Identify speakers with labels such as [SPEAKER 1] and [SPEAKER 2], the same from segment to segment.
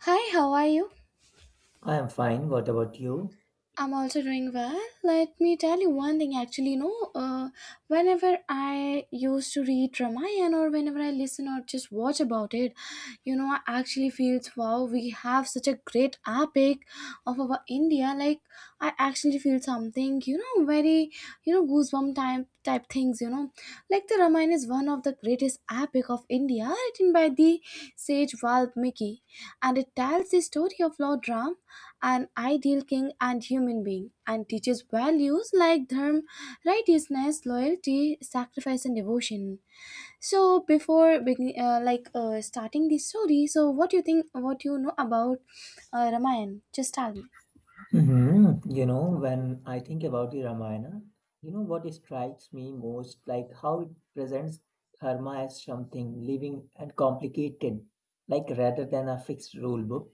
[SPEAKER 1] Hi, how are you?
[SPEAKER 2] I am fine. What about you?
[SPEAKER 1] I'm also doing well. Let me tell you one thing actually, whenever I used to read Ramayana or whenever I listen or just watch about it, I actually feels wow, we have such a great epic of our India. Like, I actually feel something, very, goosebump type things, Like the Ramayana is one of the greatest epic of India, written by the sage Valmiki, and it tells the story of Lord Ram, an ideal king and human being, and teaches values like dharma, righteousness, loyalty, sacrifice, and devotion. So, before begin, starting the story, so what do you think? What do you know about Ramayana? Just tell me.
[SPEAKER 2] Mhm. You know, when I think about the Ramayana, you know what strikes me most, like how it presents dharma as something living and complicated, like rather than a fixed rule book.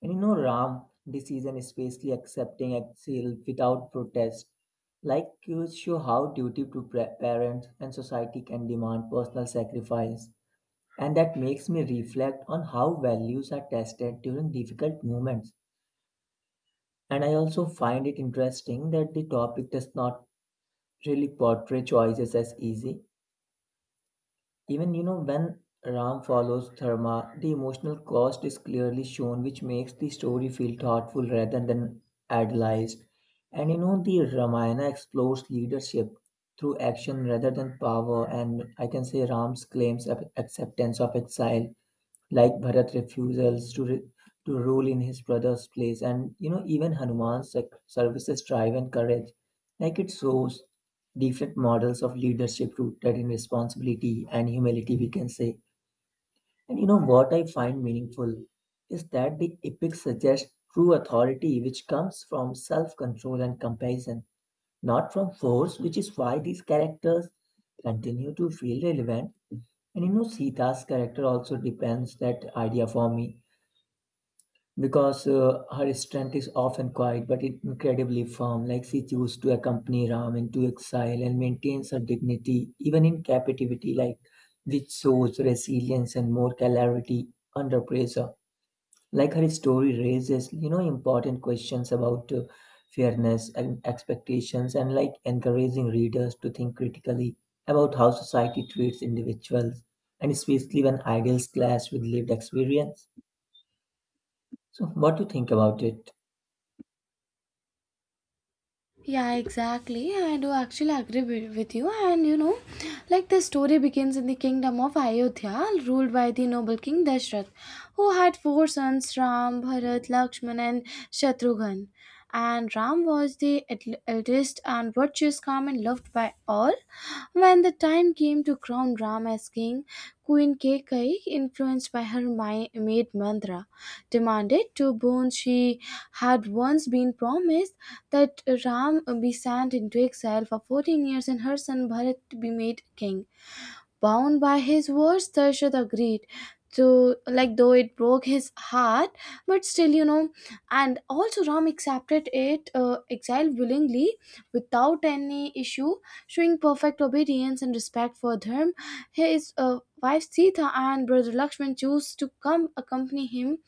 [SPEAKER 2] And Ram decision is basically accepting exile without protest, like you show how duty to parents and society can demand personal sacrifice. And that makes me reflect on how values are tested during difficult moments. And I also find it interesting that the topic does not really portray choices as easy. Even when Ram follows Dharma, the emotional cost is clearly shown, which makes the story feel thoughtful rather than idealized. And you know, the Ramayana explores leadership through action rather than power, and I can say Ram's claims of acceptance of exile, like Bharat refusals to to rule in his brother's place, and you know, even Hanuman's services, drive and courage, like it shows different models of leadership rooted in responsibility and humility, we can say. And you know what I find meaningful is that the epic suggests true authority, which comes from self control and compassion, not from force, which is why these characters continue to feel relevant. And you know, Sita's character also depends that idea for me, because her strength is often quiet but incredibly firm. Like she chooses to accompany Ram into exile and maintains her dignity even in captivity, like which shows resilience and more clarity under pressure. Like her story raises, you know, important questions about fairness and expectations, and like encouraging readers to think critically about how society treats individuals, and especially when ideals clash with lived experience. So what do you think about it?
[SPEAKER 1] Yeah, exactly. I do actually agree with you. And you know, like the story begins in the kingdom of Ayodhya, ruled by the noble king Dashrath, who had four sons Ram, Bharat, Lakshman, and Shatrughan. And Ram was the eldest and virtuous, calm, and loved by all. When the time came to crown Ram as king, Queen Kekai, influenced by her maid Mandra, demanded two boons she had once been promised that Ram be sent into exile for 14 years and her son Bharat to be made king. Bound by his words, Darshad agreed. To like though it broke his heart, but still, you know, and also Ram accepted it exile willingly without any issue, showing perfect obedience and respect for Dharm. His wife Sita and brother Lakshman chose to come accompany him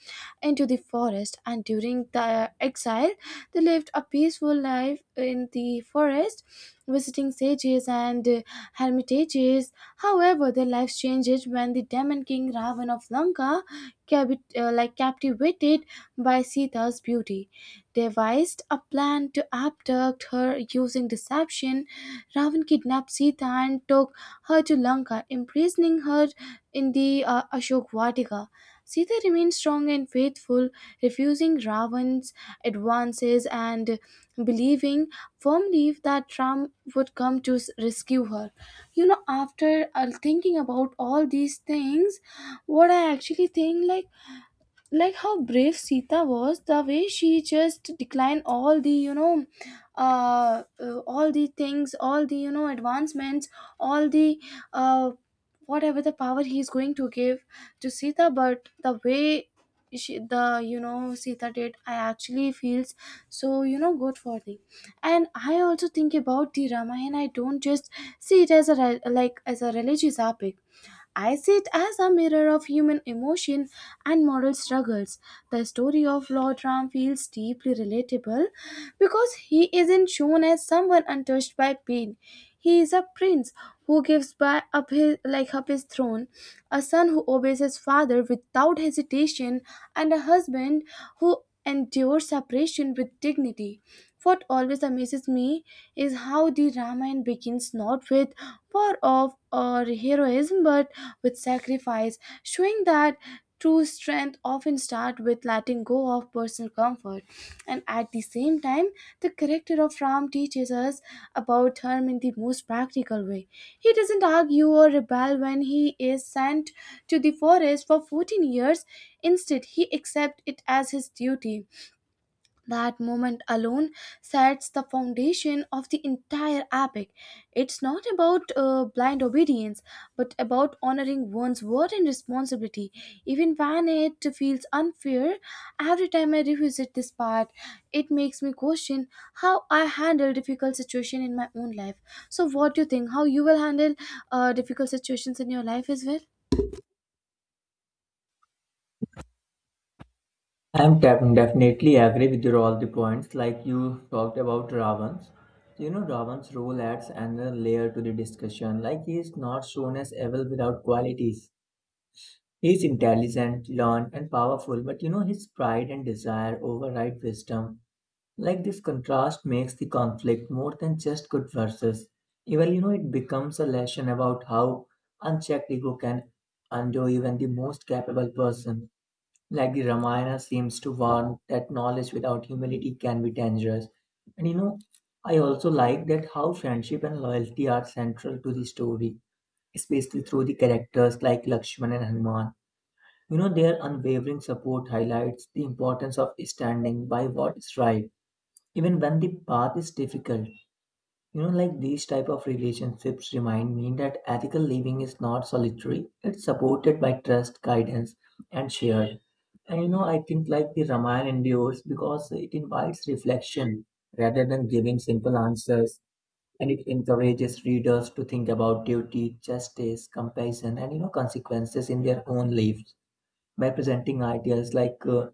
[SPEAKER 1] into the forest, and during the exile, they lived a peaceful life in the forest, visiting sages and hermitages. However, their lives changed when the demon king Ravan of Lanka, captivated by Sita's beauty, devised a plan to abduct her using deception. Ravan kidnapped Sita and took her to Lanka, imprisoning her in the Ashok Vatika. Sita remained strong and faithful, refusing Ravan's advances and believing firmly that Ram would come to rescue her. You know, after thinking about all these things, what I actually think, like how brave Sita was, the way she just declined all the all the things, all the advancements, all the uh, whatever the power he is going to give to Sita, but the way she, the Sita did, I actually feels so good for them. And I also think about the Ramayana, I don't just see it as a like as a religious epic. I see it as a mirror of human emotion and moral struggles. The story of Lord Ram feels deeply relatable because he isn't shown as someone untouched by pain. He is a prince who gives by up his like up his throne, a son who obeys his father without hesitation, and a husband who endures separation with dignity. What always amazes me is how the Ramayana begins not with war of or heroism but with sacrifice, showing that true strength often starts with letting go of personal comfort. And at the same time, the character of Ram teaches us about harm in the most practical way. He doesn't argue or rebel when he is sent to the forest for 14 years. Instead, he accepts it as his duty. That moment alone sets the foundation of the entire epic. It's not about blind obedience, but about honoring one's word and responsibility. Even when it feels unfair, every time I revisit this part, it makes me question how I handle difficult situation in my own life. So, what do you think? How you will handle difficult situations in your life as well?
[SPEAKER 2] I'm definitely agree with your all the points, like you talked about ravans you know ravan's role adds another layer to the discussion, like he is not shown as evil without qualities. He's intelligent, learned, and powerful, but you know, his pride and desire override wisdom. Like this contrast makes the conflict more than just good versus evil. You know, it becomes a lesson about how unchecked ego can undo even the most capable person. Like the Ramayana seems to warn that knowledge without humility can be dangerous. And you know, I also like that how friendship and loyalty are central to the story, especially through the characters like Lakshman and Hanuman. You know, their unwavering support highlights the importance of standing by what is right, even when the path is difficult. You know, like these type of relationships remind me that ethical living is not solitary; it's supported by trust, guidance, and shared. And you know, I think like the Ramayana endures because it invites reflection rather than giving simple answers, and it encourages readers to think about duty, justice, compassion, and you know, consequences in their own lives. By presenting ideas like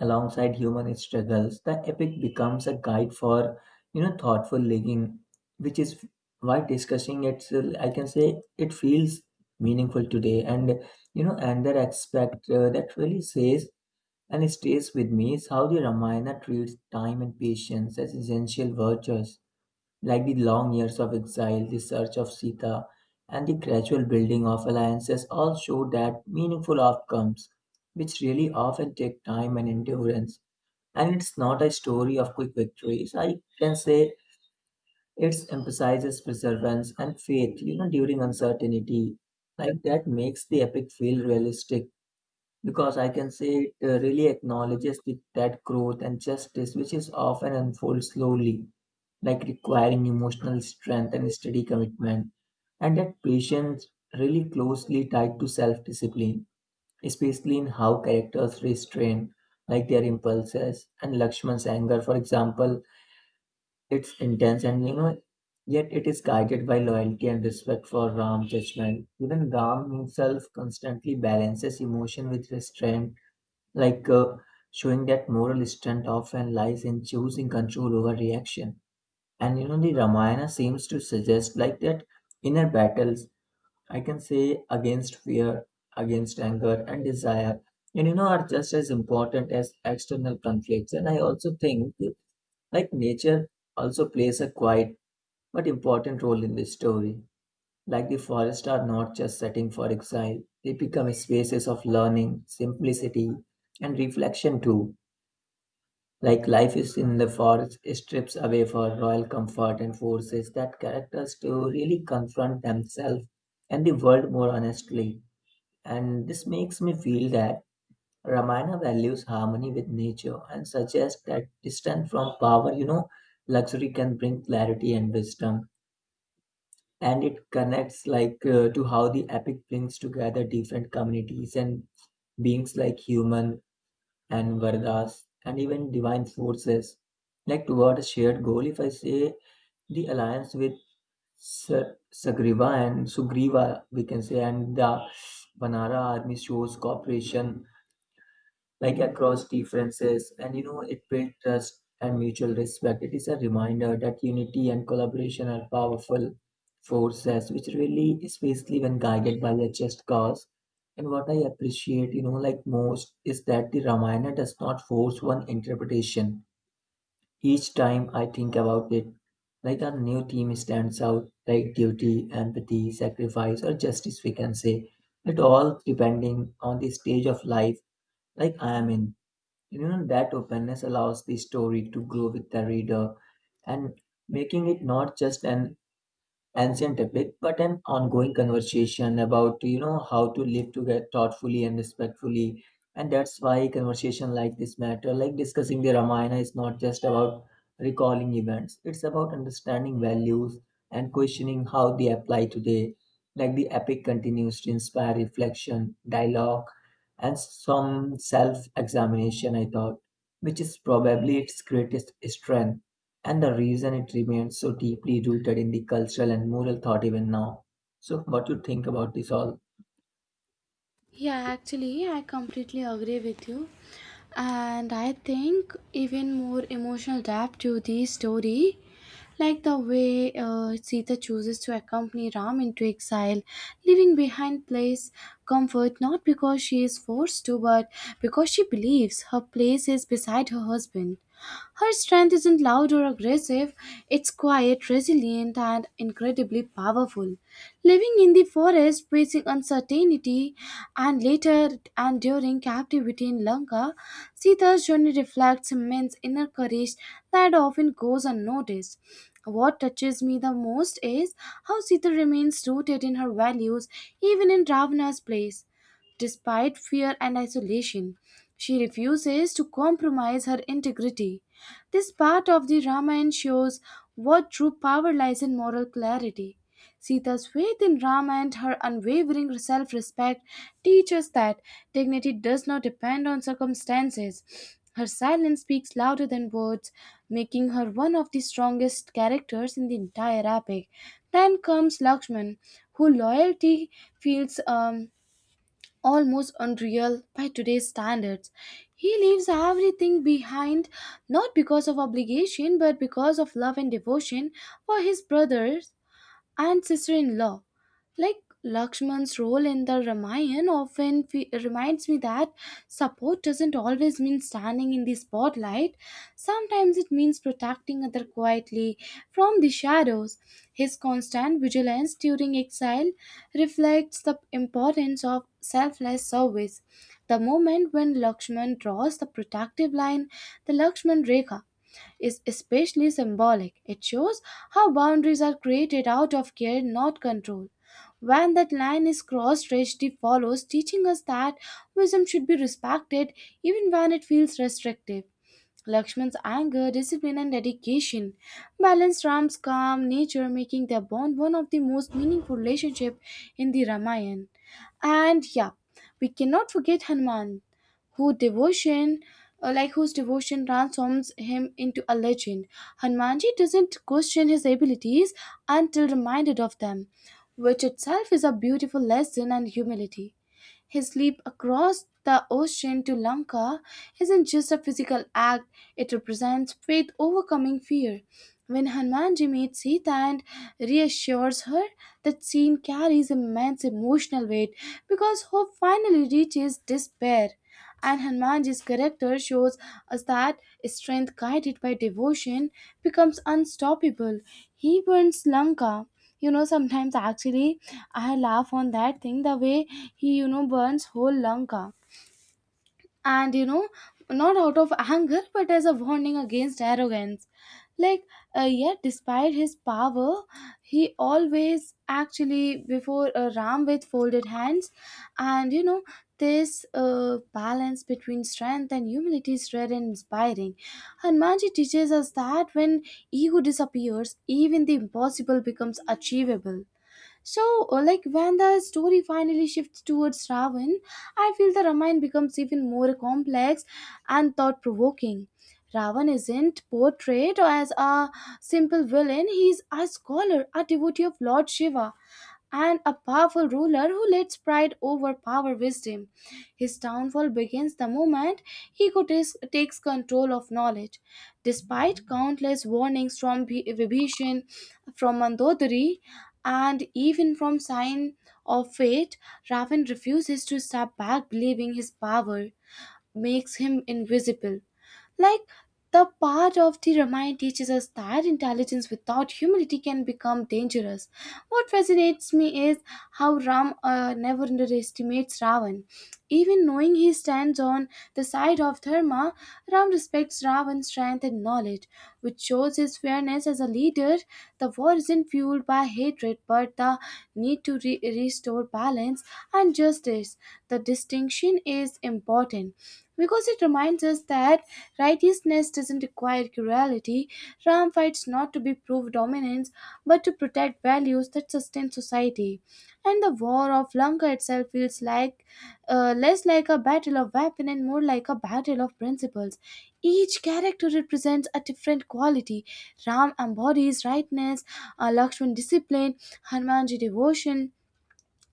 [SPEAKER 2] alongside human struggles, the epic becomes a guide for, you know, thoughtful living, which is why discussing it, I can say it feels meaningful today. And you know, another aspect that really says and stays with me is how the Ramayana treats time and patience as essential virtues, like the long years of exile, the search of Sita, and the gradual building of alliances, all show that meaningful outcomes, which really often take time and endurance. And it's not a story of quick victories. I can say it emphasizes perseverance and faith, you know, during uncertainty. Like that makes the epic feel realistic, because I can say it really acknowledges that growth and justice, which is often unfold slowly, like requiring emotional strength and steady commitment. And that patience really closely tied to self-discipline, especially in how characters restrain like their impulses, and Lakshman's anger, for example, it's intense, and you know, yet it is guided by loyalty and respect for Ram's judgment. Even Ram himself constantly balances emotion with restraint, like showing that moral strength often lies in choosing control over reaction. And you know, the Ramayana seems to suggest like that inner battles, I can say, against fear, against anger and desire, and you know, are just as important as external conflicts. And I also think like nature also plays a quiet but important role in this story. Like the forests are not just setting for exile, they become spaces of learning, simplicity, and reflection too. Like life is in the forest, strips away for royal comfort and forces that characters to really confront themselves and the world more honestly. And this makes me feel that Ramayana values harmony with nature and suggests that distance from power, you know, luxury, can bring clarity and wisdom. And it connects like to how the epic brings together different communities and beings, like human and Vardas, and even divine forces, like toward a shared goal. If I say the alliance with Sagriva and Sugriva, we can say, and the Vanara army shows cooperation like across differences. And you know, it builds trust and mutual respect. It is a reminder that unity and collaboration are powerful forces, which really especially when guided by a just cause. And what I appreciate, you know, like most, is that the Ramayana does not force one interpretation. Each time I think about it, like a new theme stands out, like duty, empathy, sacrifice, or justice, we can say. It all depending on the stage of life like I am in. You know, that openness allows the story to grow with the reader, and making it not just an ancient topic, but an ongoing conversation about, you know, how to live together thoughtfully and respectfully. And that's why conversation like this matter, like discussing the Ramayana, is not just about recalling events. It's about understanding values and questioning how they apply today. Like the epic continues to inspire reflection, dialogue, and some self-examination, I thought, which is probably its greatest strength. And the reason it remains so deeply rooted in the cultural and moral thought even now. So, what you think about this all?
[SPEAKER 1] Yeah, actually, I completely agree with you. And I think even more emotional depth to the story, like the way Sita chooses to accompany Ram into exile, leaving behind place comfort not because she is forced to, but because she believes her place is beside her husband. Her strength isn't loud or aggressive, it's quiet, resilient, and incredibly powerful. Living in the forest, facing uncertainty, and later and during captivity in Lanka, Sita's journey reflects immense inner courage that often goes unnoticed. What touches me the most is how Sita remains rooted in her values even in Ravana's place despite fear and isolation. She refuses to compromise her integrity. This part of the Ramayana shows what true power lies in moral clarity. Sita's faith in Rama and her unwavering self respect teach us that dignity does not depend on circumstances. Her silence speaks louder than words, making her one of the strongest characters in the entire epic. Then comes Lakshman, whose loyalty feels almost unreal by today's standards. He leaves everything behind not because of obligation but because of love and devotion for his brothers and sister-in-law. Like Lakshman's role in the Ramayana often reminds me that support doesn't always mean standing in the spotlight. Sometimes it means protecting other quietly from the shadows. His constant vigilance during exile reflects the importance of selfless service. The moment when Lakshman draws the protective line, the Lakshman Rekha, is especially symbolic. It shows how boundaries are created out of care, not control. When that line is crossed, tragedy follows, teaching us that wisdom should be respected even when it feels restrictive. Lakshman's anger, discipline, and dedication balanced Ram's calm nature, making their bond one of the most meaningful relationships in the Ramayana. And yeah, we cannot forget Hanuman, who devotion, whose devotion transforms him into a legend. Hanumanji doesn't question his abilities until reminded of them, which itself is a beautiful lesson and humility. His leap across the ocean to Lanka isn't just a physical act, it represents faith overcoming fear. When Hanumanji meets Sita and reassures her, that scene carries immense emotional weight because hope finally reaches despair. And Hanumanji's character shows us that strength guided by devotion becomes unstoppable. He burns Lanka. You know, sometimes actually I laugh on that thing the way he, you know, burns whole Lanka. And you know, not out of anger, but as a warning against arrogance. Like, yet despite his power, he always actually before Ram with folded hands, and you know, this balance between strength and humility is rare and inspiring. Hanumanji teaches us that when ego disappears, even the impossible becomes achievable. So, when the story finally shifts towards Ravan, I feel the Ramayana becomes even more complex and thought provoking. Ravan isn't portrayed as a simple villain, he's a scholar, a devotee of Lord Shiva, and a powerful ruler who lets pride overpower wisdom. His downfall begins the moment Hiko takes control of knowledge. Despite countless warnings from Vibhishan, from Mandodari, and even from sign of fate, raven refuses to step back, believing his power makes him invisible. Like the part of the Ramayana teaches us that intelligence without humility can become dangerous. What fascinates me is how Ram never underestimates Ravan. Even knowing he stands on the side of Dharma, Ram respects Ravan's strength and knowledge, which shows his fairness as a leader. The war isn't fueled by hatred but the need to restore balance and justice. The distinction is important because it reminds us that righteousness doesn't require cruelty. Ram fights not to be proved dominance but to protect values that sustain society. And the War of Lanka itself feels like less like a battle of weapon and more like a battle of principles. Each character represents a different quality. Ram embodies rightness, Lakshman discipline, Hanumanji devotion,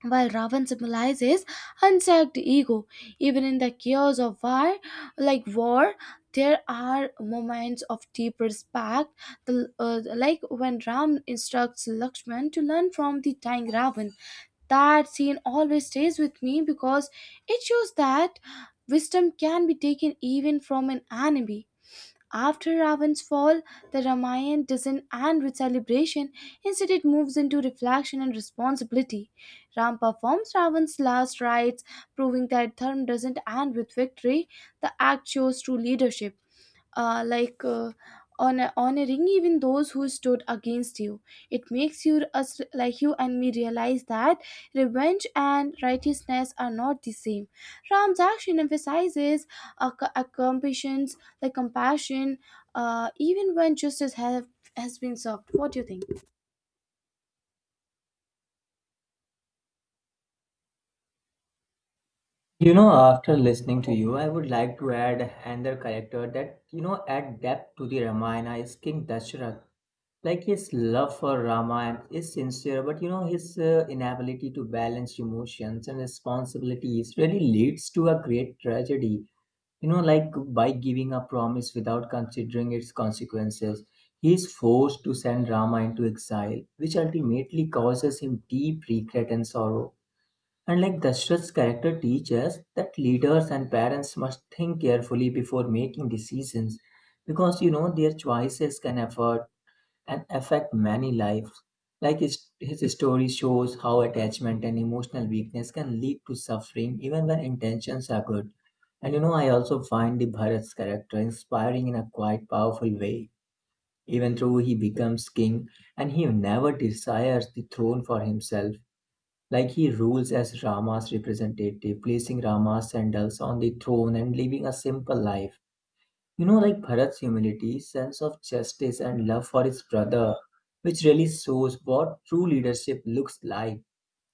[SPEAKER 1] while Ravan symbolizes unchecked ego, even in the chaos of war, like war, there are moments of deep respect, when Ram instructs Lakshman to learn from the dying Ravan. That scene always stays with me because it shows that wisdom can be taken even from an enemy. After Ravan's fall, the Ramayana doesn't end with celebration, instead, it moves into reflection and responsibility. Ram performs Ravan's last rites, proving that Dharma doesn't end with victory, the act shows true leadership uh, like uh, honoring even those who stood against you. It makes you us like you and me realize that revenge and righteousness are not the same. Ram's action emphasizes a compassion, like compassion, even when justice has been served. What do you think?
[SPEAKER 2] You know, after listening to you, I would like to add another character that, you know, add depth to the Ramayana is King Dasharath. Like his love for Rama is sincere, but you know, his inability to balance emotions and responsibilities really leads to a great tragedy. You know, like by giving a promise without considering its consequences, he is forced to send Rama into exile, which ultimately causes him deep regret and sorrow. And like Dashrath's character teaches that leaders and parents must think carefully before making decisions, because you know, their choices can affect many lives. Like his story shows how attachment and emotional weakness can lead to suffering even when intentions are good. And you know, I also find the Bharat's character inspiring in a quite powerful way. Even though he becomes king and he never desires the throne for himself, like he rules as Rama's representative, placing Rama's sandals on the throne and living a simple life. You know, like Bharat's humility, sense of justice, and love for his brother, which really shows what true leadership looks like.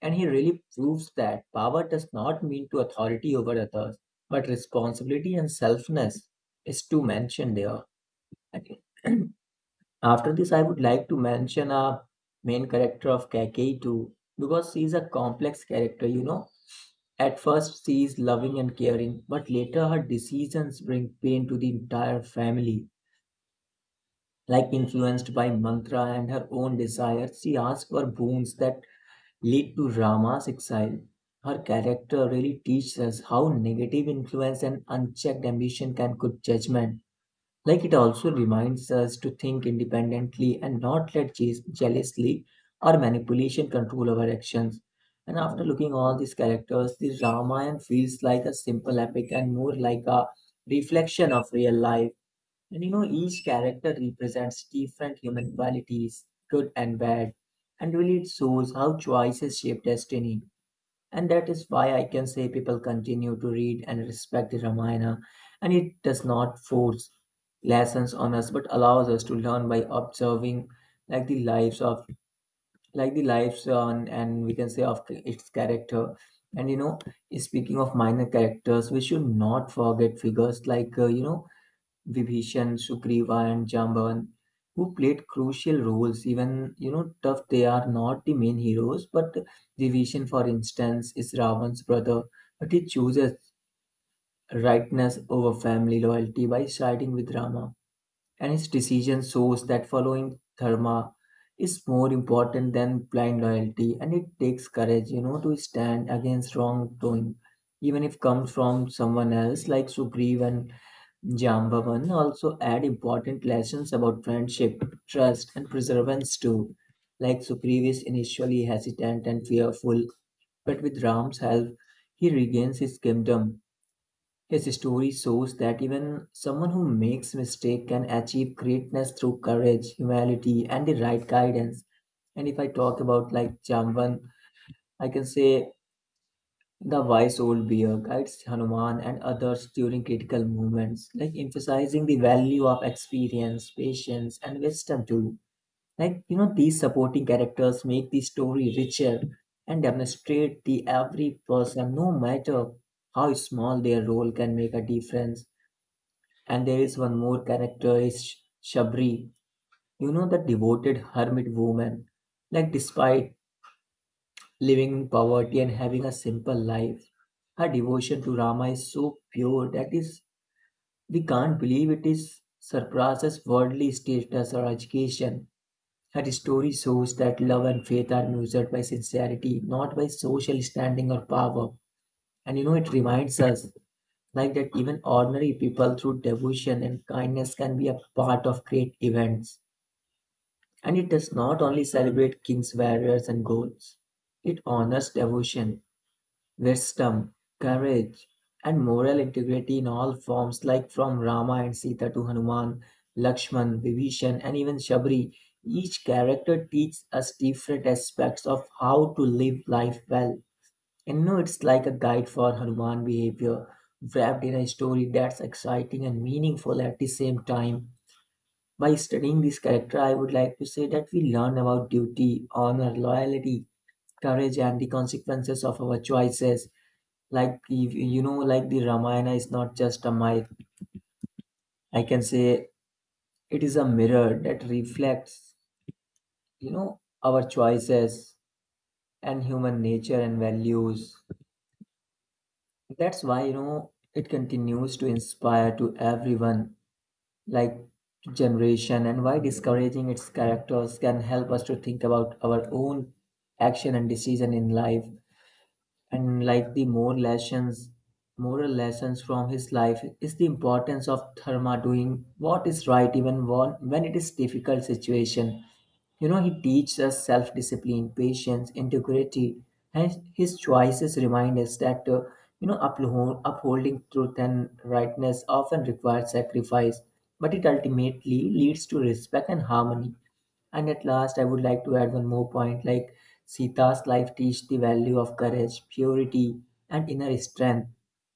[SPEAKER 2] And he really proves that power does not mean to authority over others, but responsibility and selfness is to mention there. And after this, I would like to mention a main character of Kakei too, because she is a complex character, you know. At first, she is loving and caring, but later her decisions bring pain to the entire family. Like influenced by mantra and her own desires, she asks for boons that lead to Rama's exile. Her character really teaches us how negative influence and unchecked ambition can cook judgment. Like it also reminds us to think independently and not let jealously or manipulation control our actions. And after looking all these characters, the Ramayana feels like a simple epic and more like a reflection of real life. And you know, each character represents different human qualities, good and bad. And really, it shows how choices shape destiny. And that is why I can say people continue to read and respect the Ramayana. And it does not force lessons on us, but allows us to learn by observing like the lives of like the lives on, and we can say, of its character. And you know, speaking of minor characters, we should not forget figures like you know, Vibhishan, Sugriva, and Jambavan, who played crucial roles. Even you know, tough they are not the main heroes, but Vibhishan, for instance, is Ravan's brother, but he chooses rightness over family loyalty by siding with Rama, and his decision shows that following dharma is more important than blind loyalty, and it takes courage, you know, to stand against wrongdoing even if comes from someone else. Like Sugriva and Jambavan also add important lessons about friendship, trust, and perseverance too. Like Sugriv is initially hesitant and fearful, but with Ram's help, he regains his kingdom. His story shows that even someone who makes mistake can achieve greatness through courage, humility, and the right guidance. And if I talk about like Jambavan, I can say the wise old bear guides Hanuman and others during critical moments, like emphasizing the value of experience, patience, and wisdom too. These supporting characters make the story richer and demonstrate the every person, no matter how small their role can make a difference. And there is one more character is Shabri, you know, the devoted hermit woman. Like, despite living in poverty and having a simple life. Her devotion to Rama is so pure that is we can't believe it is surpasses worldly status or education. Her story shows that love and faith are measured by sincerity, not by social standing or power. And you know it reminds us like that even ordinary people through devotion and kindness can be a part of great events. And it does not only celebrate kings, warriors, and goals. It honors devotion, wisdom, courage, and moral integrity in all forms, like from Rama and Sita to Hanuman, Lakshman, Vibhishan, and even Shabri, each character teaches us different aspects of how to live life well. And you know, it's like a guide for Hanuman behavior, wrapped in a story that's exciting and meaningful at the same time. By studying this character, I would like to say that we learn about duty, honor, loyalty, courage, and the consequences of our choices like if you know like the Ramayana is not just a myth. I can say it is a mirror that reflects, you know, our choices and human nature and values. That's why, you know, it continues to inspire to everyone, like to generation, and why discouraging its characters can help us to think about our own action and decision in life. And like the more lessons, moral lessons from his life is the importance of dharma doing what is right even when it is difficult situation. You know, he teaches us self-discipline, patience, integrity, and his choices remind us that you know upholding truth and rightness often requires sacrifice, but it ultimately leads to respect and harmony. And at last, I would like to add one more point like Sita's life teaches the value of courage, purity, and inner strength.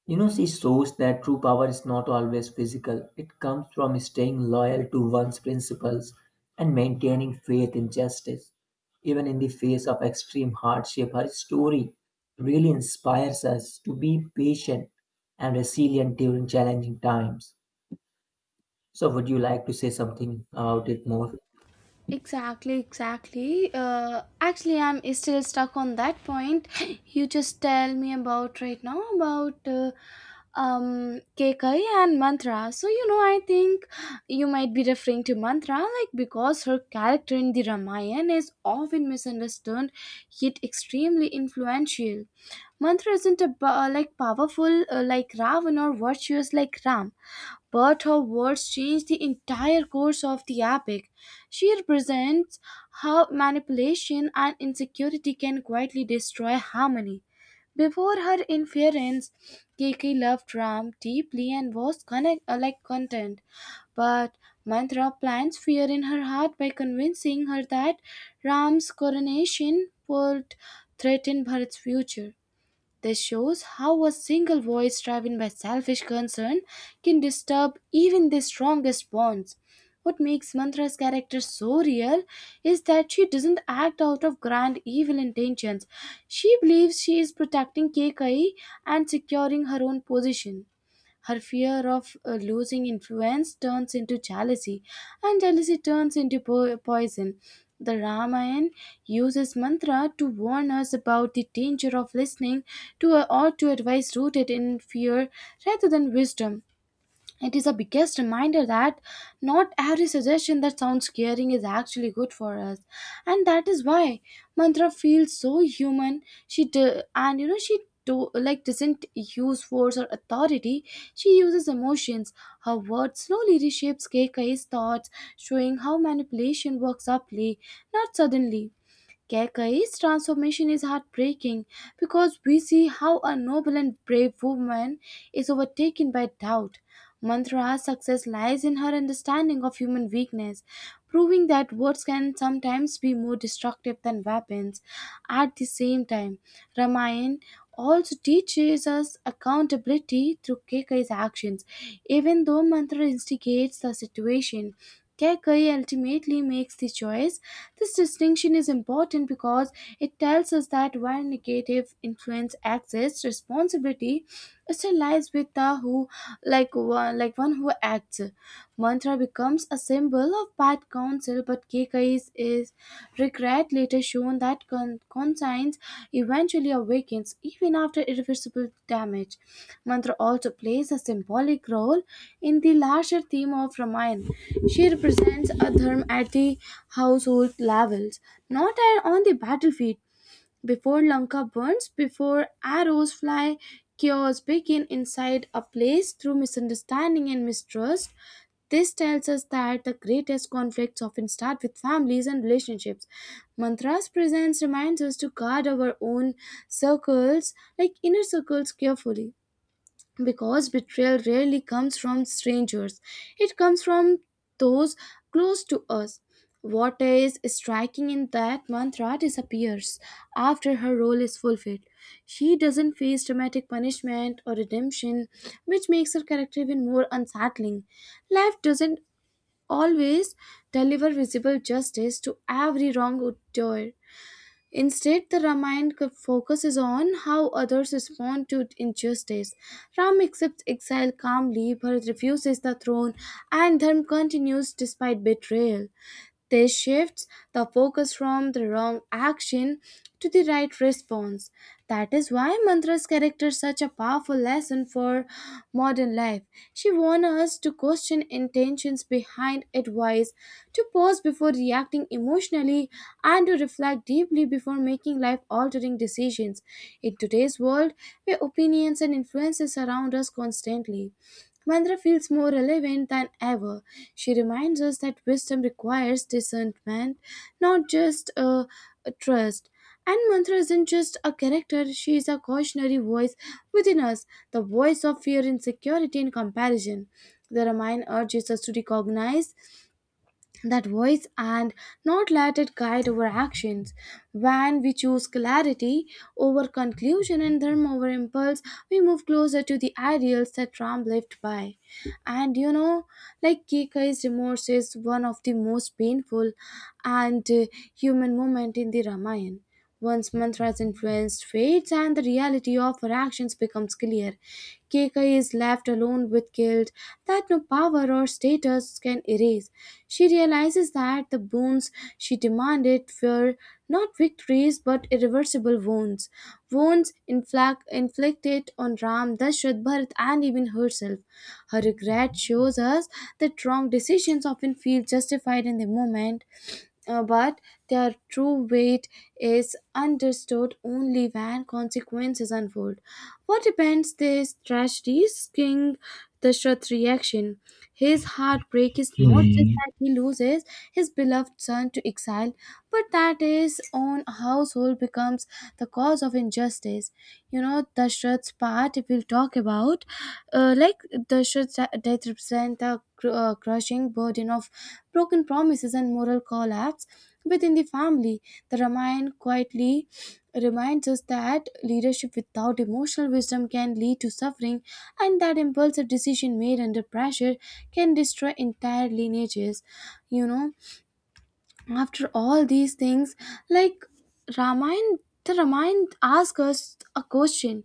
[SPEAKER 2] You know, she shows that true power is not always physical, it comes from staying loyal to one's principles and maintaining faith in justice. Even in the face of extreme hardship, her story really inspires us to be patient and resilient during challenging times. So, would you like to say something about it more?
[SPEAKER 1] Exactly, exactly. Actually, I'm still stuck on that point. You just tell me about right now about Kekai and Mantra. So you know, I think you might be referring to Mantra, like because her character in the Ramayana is often misunderstood, yet extremely influential. Mantra isn't a, powerful like Ravan or virtuous like Ram but her words change the entire course of the epic. She represents how manipulation and insecurity can quietly destroy harmony. Before her interference, Keke loved Ram deeply and was connect, like content. But Mantra plants fear in her heart by convincing her that Ram's coronation would threaten Bharat's future. This shows how a single voice driven by selfish concern can disturb even the strongest bonds. What makes Mantra's character so real is that she doesn't act out of grand evil intentions. She believes she is protecting Kekai and securing her own position. Her fear of losing influence turns into jealousy, and jealousy turns into poison. The Ramayana uses mantra to warn us about the danger of listening to a, or to advice rooted in fear rather than wisdom. It is a biggest reminder that not every suggestion that sounds caring is actually good for us, and that is why Mantra feels so human. She do, and you know she do, like doesn't use force or authority. She uses emotions. Her words slowly reshapes Keikai's thoughts, showing how manipulation works subtly, not suddenly. Kekai's transformation is heartbreaking because we see how a noble and brave woman is overtaken by doubt. Mantra's success lies in her understanding of human weakness, proving that words can sometimes be more destructive than weapons. At the same time, Ramayana also teaches us accountability through Kekai's actions. Even though Mantra instigates the situation, Kekai ultimately makes the choice. This distinction is important because it tells us that while negative influence exists, responsibility still lies with Amrita, who one who acts. Mantra becomes a symbol of bad counsel, but Kekais is regret later shown that conscience eventually awakens even after irreversible damage. Mantra also plays a symbolic role in the larger theme of Ramayana. She represents a dharma at the household levels, not a- on the battlefield. Before Lanka burns, before arrows fly, chaos begin inside a place through misunderstanding and mistrust. This tells us that the greatest conflicts often start with families and relationships. Mantra's presence reminds us to guard our own circles, like inner circles, carefully, because betrayal rarely comes from strangers, it comes from those close to us. What is striking in that mantra disappears after her role is fulfilled. She doesn't face dramatic punishment or redemption, which makes her character even more unsettling. Life doesn't always deliver visible justice to every wrongdoer. Instead, the Ramayana focuses on how others respond to injustice. Ram accepts exile calmly but refuses the throne, and Dharma continues despite betrayal. This shifts the focus from the wrong action to the right response. That is why Mantra's character is such a powerful lesson for modern life. She warns us to question intentions behind advice, to pause before reacting emotionally, and to reflect deeply before making life altering decisions. In today's world, where opinions and influences surround us constantly, Mandra feels more relevant than ever. She reminds us that wisdom requires discernment, not just a trust. And Mantra isn't just a character, she is a cautionary voice within us, the voice of fear, insecurity, and comparison. The Ramayana urges us to recognize that voice and not let it guide our actions. When we choose clarity over conclusion and dharma over impulse, we move closer to the ideals that Ram lived by. And you know, like Kikai's remorse is one of the most painful and human moment in the Ramayana. Once mantras influence fates and the reality of her actions becomes clear, Keika is left alone with guilt that no power or status can erase. She realizes that the boons she demanded were not victories but irreversible wounds, wounds inflicted on Ram, Dashrath, Bharat, and even herself. Her regret shows us that wrong decisions often feel justified in the moment, but their true weight is understood only when consequences unfold. What depends this tragedy king Dashrath's reaction? His heartbreak is not just
[SPEAKER 2] Hmm.
[SPEAKER 1] that he loses his beloved son to exile, but that his own household becomes the cause of injustice. You know, Dashrath's path art we'll talk about uh, like the shirts that represent the crushing burden of broken promises and moral collapse within the family. The ramayana quietly reminds us that leadership without emotional wisdom can lead to suffering, and that impulsive decision made under pressure can destroy entire lineages. You know, after all these things, like, ramayana the ramayana asks us a question.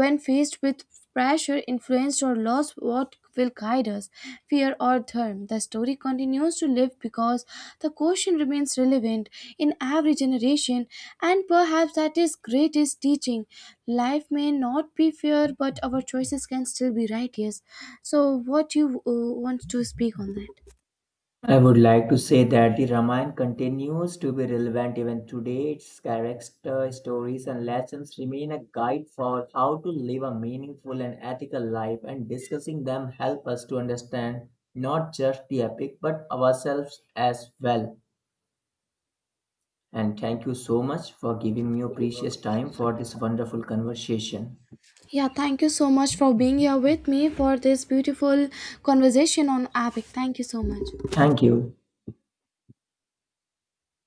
[SPEAKER 1] When faced with pressure influence or loss, what will guide us? Fear or dharma? The story continues to live because the question remains relevant in every generation, and perhaps that is greatest teaching. Life may not be fair but our choices can still be right. Yes, so what you want to speak on that?
[SPEAKER 2] I would like to say that the Ramayana continues to be relevant even today. Its character, stories, and lessons remain a guide for how to live a meaningful and ethical life, and discussing them help us to understand not just the epic but ourselves as well. And thank you so much for giving me your precious time for this wonderful conversation.
[SPEAKER 1] Yeah, thank you so much for being here with me for this beautiful conversation on Epic. Thank you so much.
[SPEAKER 2] Thank you.